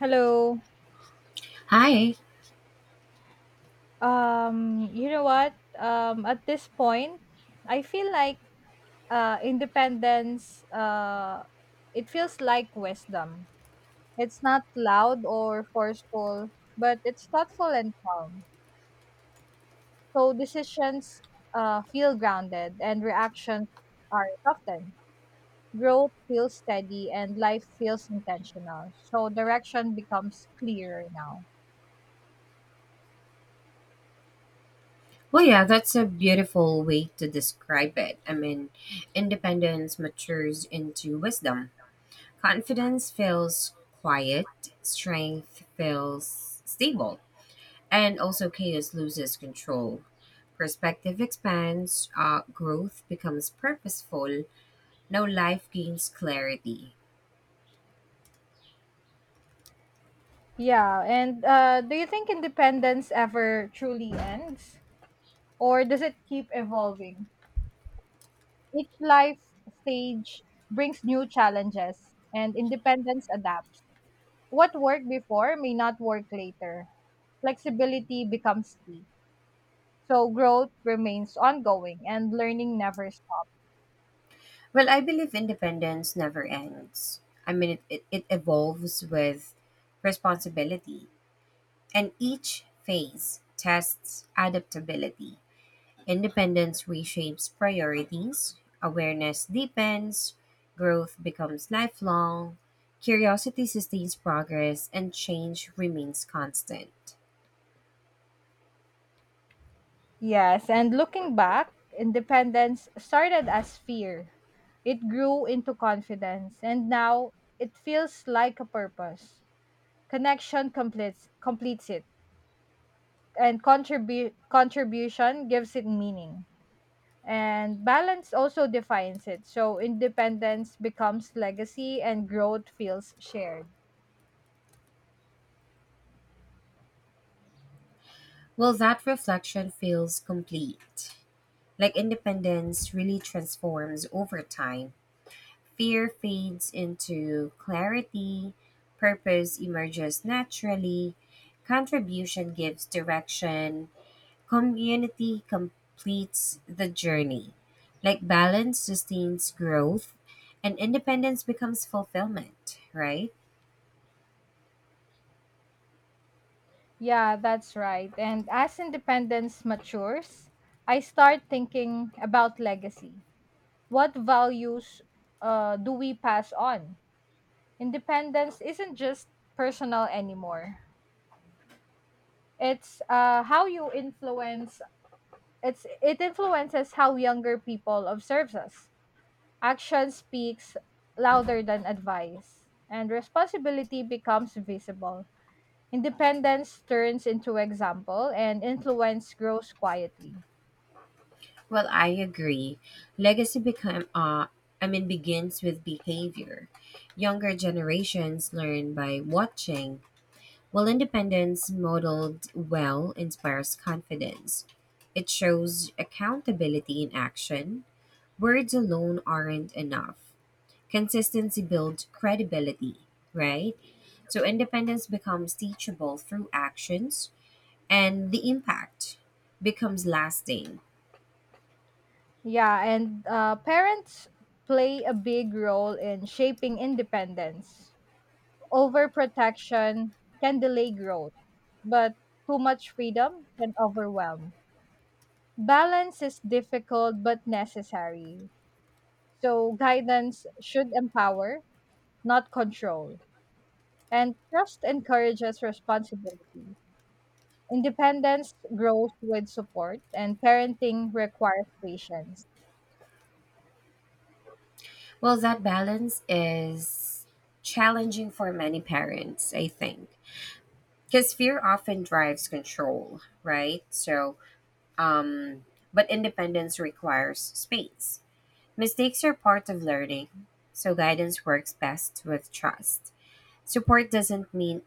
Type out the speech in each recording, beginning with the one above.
Hello. Hi. You know what? At this point, I feel like independence. It feels like wisdom. It's not loud or forceful, but it's thoughtful and calm. So decisions feel grounded, and reactions are softened. Growth feels steady, and life feels intentional. So direction becomes clearer now. Well, yeah, that's a beautiful way to describe it. I mean, independence matures into wisdom. Confidence feels quiet, strength feels stable, and also chaos loses control. Perspective expands, growth becomes purposeful, now life gains clarity. Yeah, and do you think independence ever truly ends, or does it keep evolving? Each life stage brings new challenges, and independence adapts. What worked before may not work later. Flexibility becomes key. So growth remains ongoing, and learning never stops. Well, I believe independence never ends. I mean, it evolves with responsibility. And each phase tests adaptability. Independence reshapes priorities, awareness deepens, growth becomes lifelong, curiosity sustains progress, and change remains constant. Yes, and looking back, independence started as fear. It grew into confidence, and now it feels like a purpose. Connection completes it, and contribute contribution gives it meaning. And balance also defines it. So independence becomes legacy, and growth feels shared. Well, that reflection feels complete. Like independence really transforms over time. Fear fades into clarity, purpose emerges naturally, contribution gives direction, community completes the journey. Like balance sustains growth and independence becomes fulfillment, right? Yeah, that's right. And as independence matures, I start thinking about legacy. What values do we pass on? Independence isn't just personal anymore, it's uh, how you influence it's it influences how younger people observes us. Action speaks louder than advice, and responsibility becomes visible. Independence turns into example, and influence grows quietly. Well, I agree. Legacy become I mean, begins with behavior. Younger generations learn by watching, while independence modeled well inspires confidence. It shows accountability in action. Words alone aren't enough. Consistency builds credibility, right? So independence becomes teachable through actions and the impact becomes lasting. Yeah, and parents play a big role in shaping independence. Overprotection can delay growth, but too much freedom can overwhelm. Balance is difficult but necessary. So guidance should empower, not control. And trust encourages responsibility. Independence grows with support, and parenting requires patience. Well, that balance is challenging for many parents, I think, because fear often drives control, right? Um, but independence requires space. Mistakes are part of learning, so guidance works best with trust. Support doesn't mean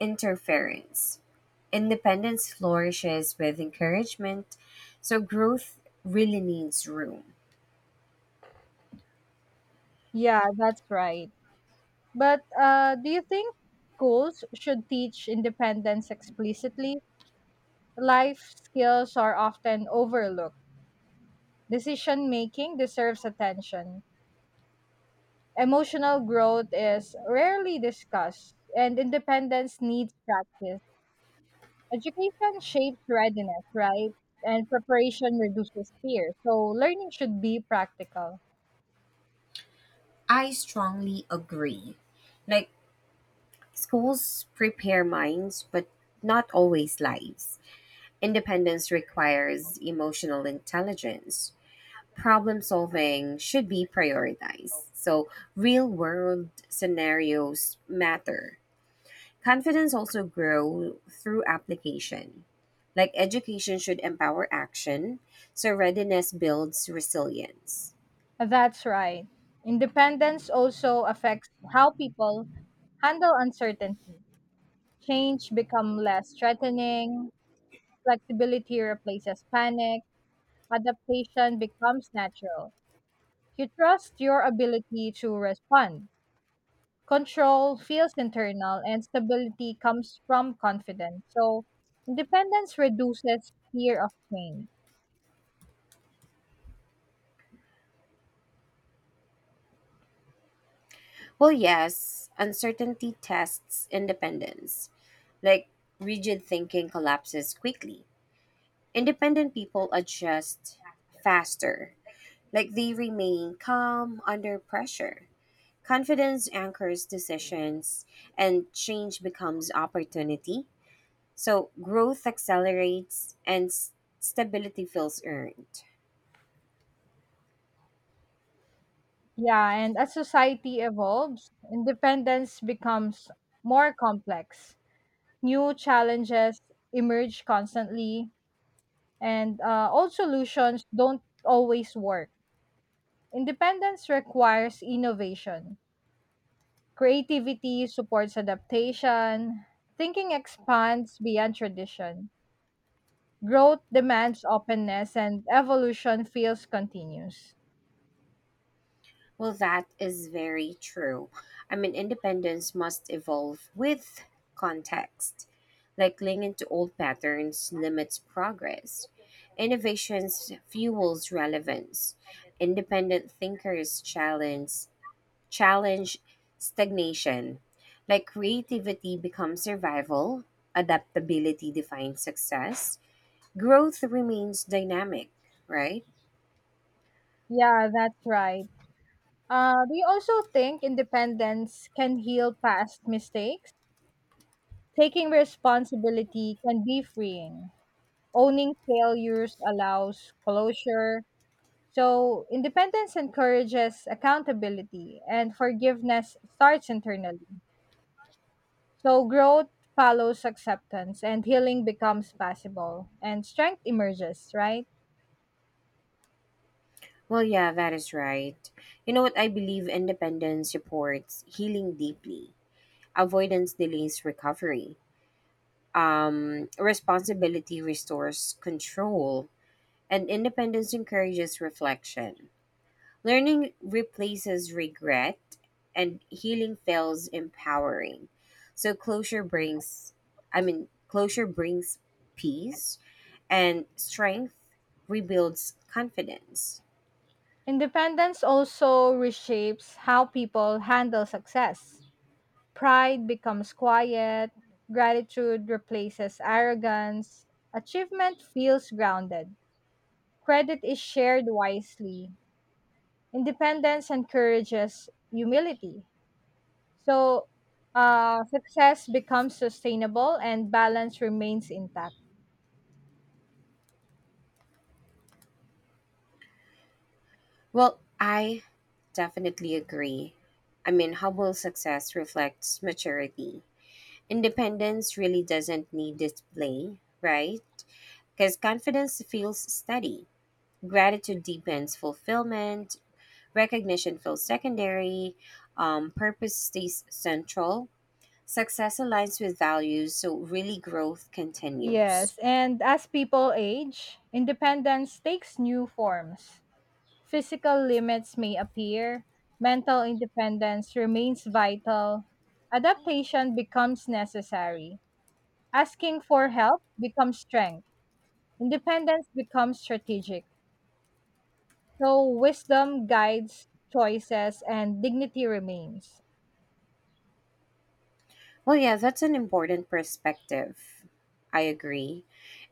interference. Independence flourishes with encouragement. So growth really needs room. Yeah, that's right. But do you think schools should teach independence explicitly? Life skills are often overlooked. Decision making deserves attention. Emotional growth is rarely discussed, and independence needs practice. Education shapes readiness, right? And preparation reduces fear. So learning should be practical. I strongly agree. Like, schools prepare minds, but not always lives. Independence requires emotional intelligence. Problem solving should be prioritized. So real world scenarios matter. Confidence also grows through application. Like education should empower action, so readiness builds resilience. That's right. Independence also affects how people handle uncertainty. Change become less threatening, flexibility replaces panic, adaptation becomes natural. You trust your ability to respond. Control feels internal and stability comes from confidence. So independence reduces fear of change. Well, yes, uncertainty tests independence. Like rigid thinking collapses quickly. Independent people adjust faster. Like they remain calm under pressure. Confidence anchors decisions and change becomes opportunity. So growth accelerates and stability feels earned. Yeah, and as society evolves, independence becomes more complex. New challenges emerge constantly, and old solutions don't always work. Independence requires innovation. Creativity supports adaptation. Thinking expands beyond tradition. Growth demands openness and evolution feels continuous. Well, that is very true. I mean, independence must evolve with context. Like clinging to old patterns limits progress. Innovations fuels relevance. Independent thinkers challenge stagnation. Like creativity becomes survival, adaptability defines success, growth remains dynamic, right? Yeah, that's right. Do you also think independence can heal past mistakes? Taking responsibility can be freeing. Owning failures allows closure. So, independence encourages accountability, and forgiveness starts internally. So, growth follows acceptance, and healing becomes possible, and strength emerges, right? Well, yeah, that is right. You know what? I believe independence supports healing deeply, avoidance delays recovery, responsibility restores control, and independence encourages reflection. Learning replaces regret, and healing feels empowering. So I mean, closure brings peace, and strength rebuilds confidence. Independence also reshapes how people handle success. Pride becomes quiet, gratitude replaces arrogance, achievement feels grounded, credit is shared wisely. Independence encourages humility. So, success becomes sustainable and balance remains intact. Well, I definitely agree. I mean, humble success reflects maturity. Independence really doesn't need display, right? Because confidence feels steady. Gratitude deepens fulfillment, recognition feels secondary, purpose stays central, success aligns with values, so really growth continues. Yes, and as people age, independence takes new forms. Physical limits may appear, mental independence remains vital, adaptation becomes necessary, asking for help becomes strength, independence becomes strategic. So, wisdom guides choices and dignity remains. Well, yeah, that's an important perspective. I agree.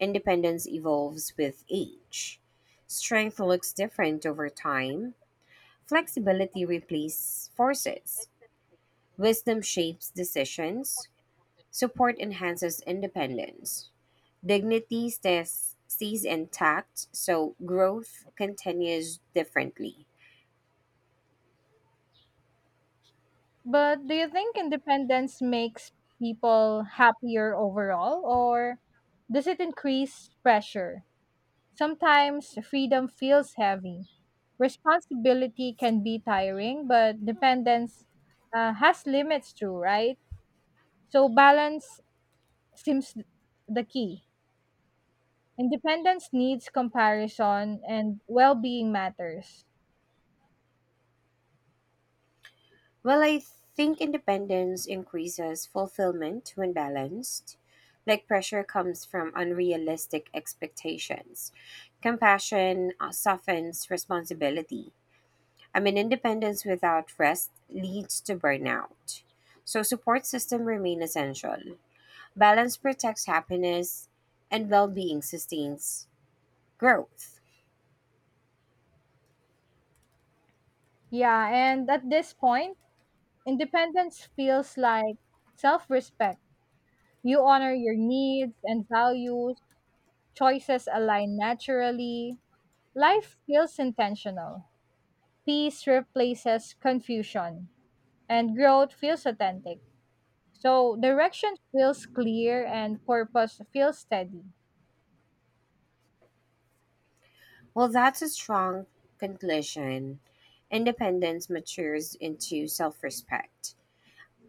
Independence evolves with age. Strength looks different over time. Flexibility replaces forces. Wisdom shapes decisions. Support enhances independence. Dignity stays intact, so growth continues differently. But do you think independence makes people happier overall, or does it increase pressure? Sometimes freedom feels heavy. Responsibility can be tiring, but dependence has limits too, right? So balance seems the key. Independence needs comparison, and well being matters. Well, I think independence increases fulfillment when balanced. Like pressure comes from unrealistic expectations. Compassion softens responsibility. I mean, independence without rest leads to burnout. So, support system remain essential. Balance protects happiness, and well being sustains growth. Yeah, and at this point, independence feels like self respect. You honor your needs and values, choices align naturally, life feels intentional. Peace replaces confusion, and growth feels authentic. So, direction feels clear, and purpose feels steady. Well, that's a strong conclusion. Independence matures into self respect.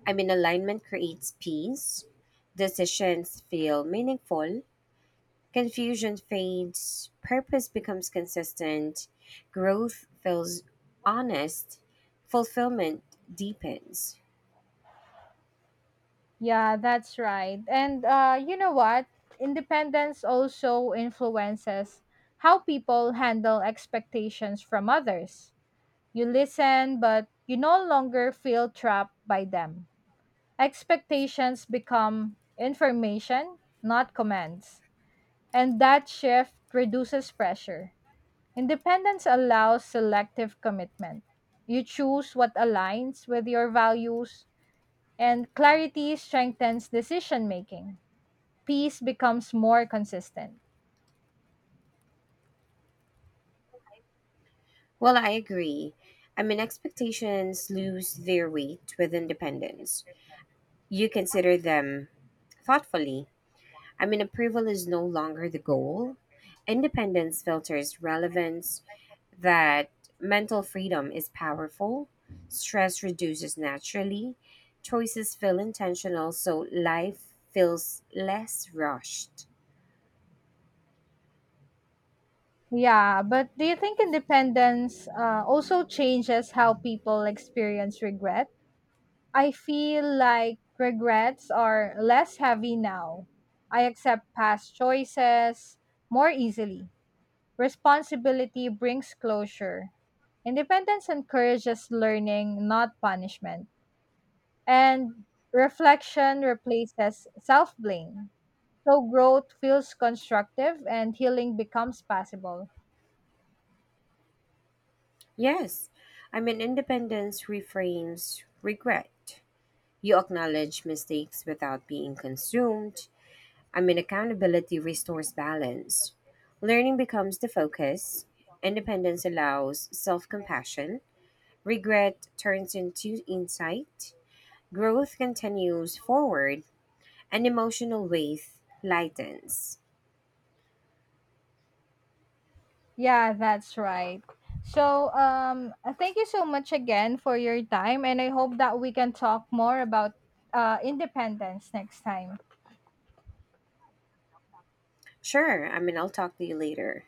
I mean, alignment creates peace, decisions feel meaningful, confusion fades, purpose becomes consistent, growth feels honest, fulfillment deepens. Yeah, that's right. And you know what? Independence also influences how people handle expectations from others. You listen, but you no longer feel trapped by them. Expectations become information, not commands. And that shift reduces pressure. Independence allows selective commitment. You choose what aligns with your values, and clarity strengthens decision making. Peace becomes more consistent. Well, I agree. I mean, expectations lose their weight with independence. You consider them thoughtfully. I mean, approval is no longer the goal. Independence filters relevance, that mental freedom is powerful, stress reduces naturally, choices feel intentional, so life feels less rushed. Yeah, but do you think independence also changes how people experience regret? I feel like regrets are less heavy now. I accept past choices more easily. Responsibility brings closure. Independence encourages learning, not punishment. And reflection replaces self blame. So growth feels constructive and healing becomes possible. Yes, I mean, independence reframes regret. You acknowledge mistakes without being consumed. I mean, accountability restores balance. Learning becomes the focus. Independence allows self compassion. Regret turns into insight. Growth continues forward, and emotional weight lightens. Yeah, that's right. So, thank you so much again for your time, and I hope that we can talk more about independence next time. Sure, I mean, I'll talk to you later.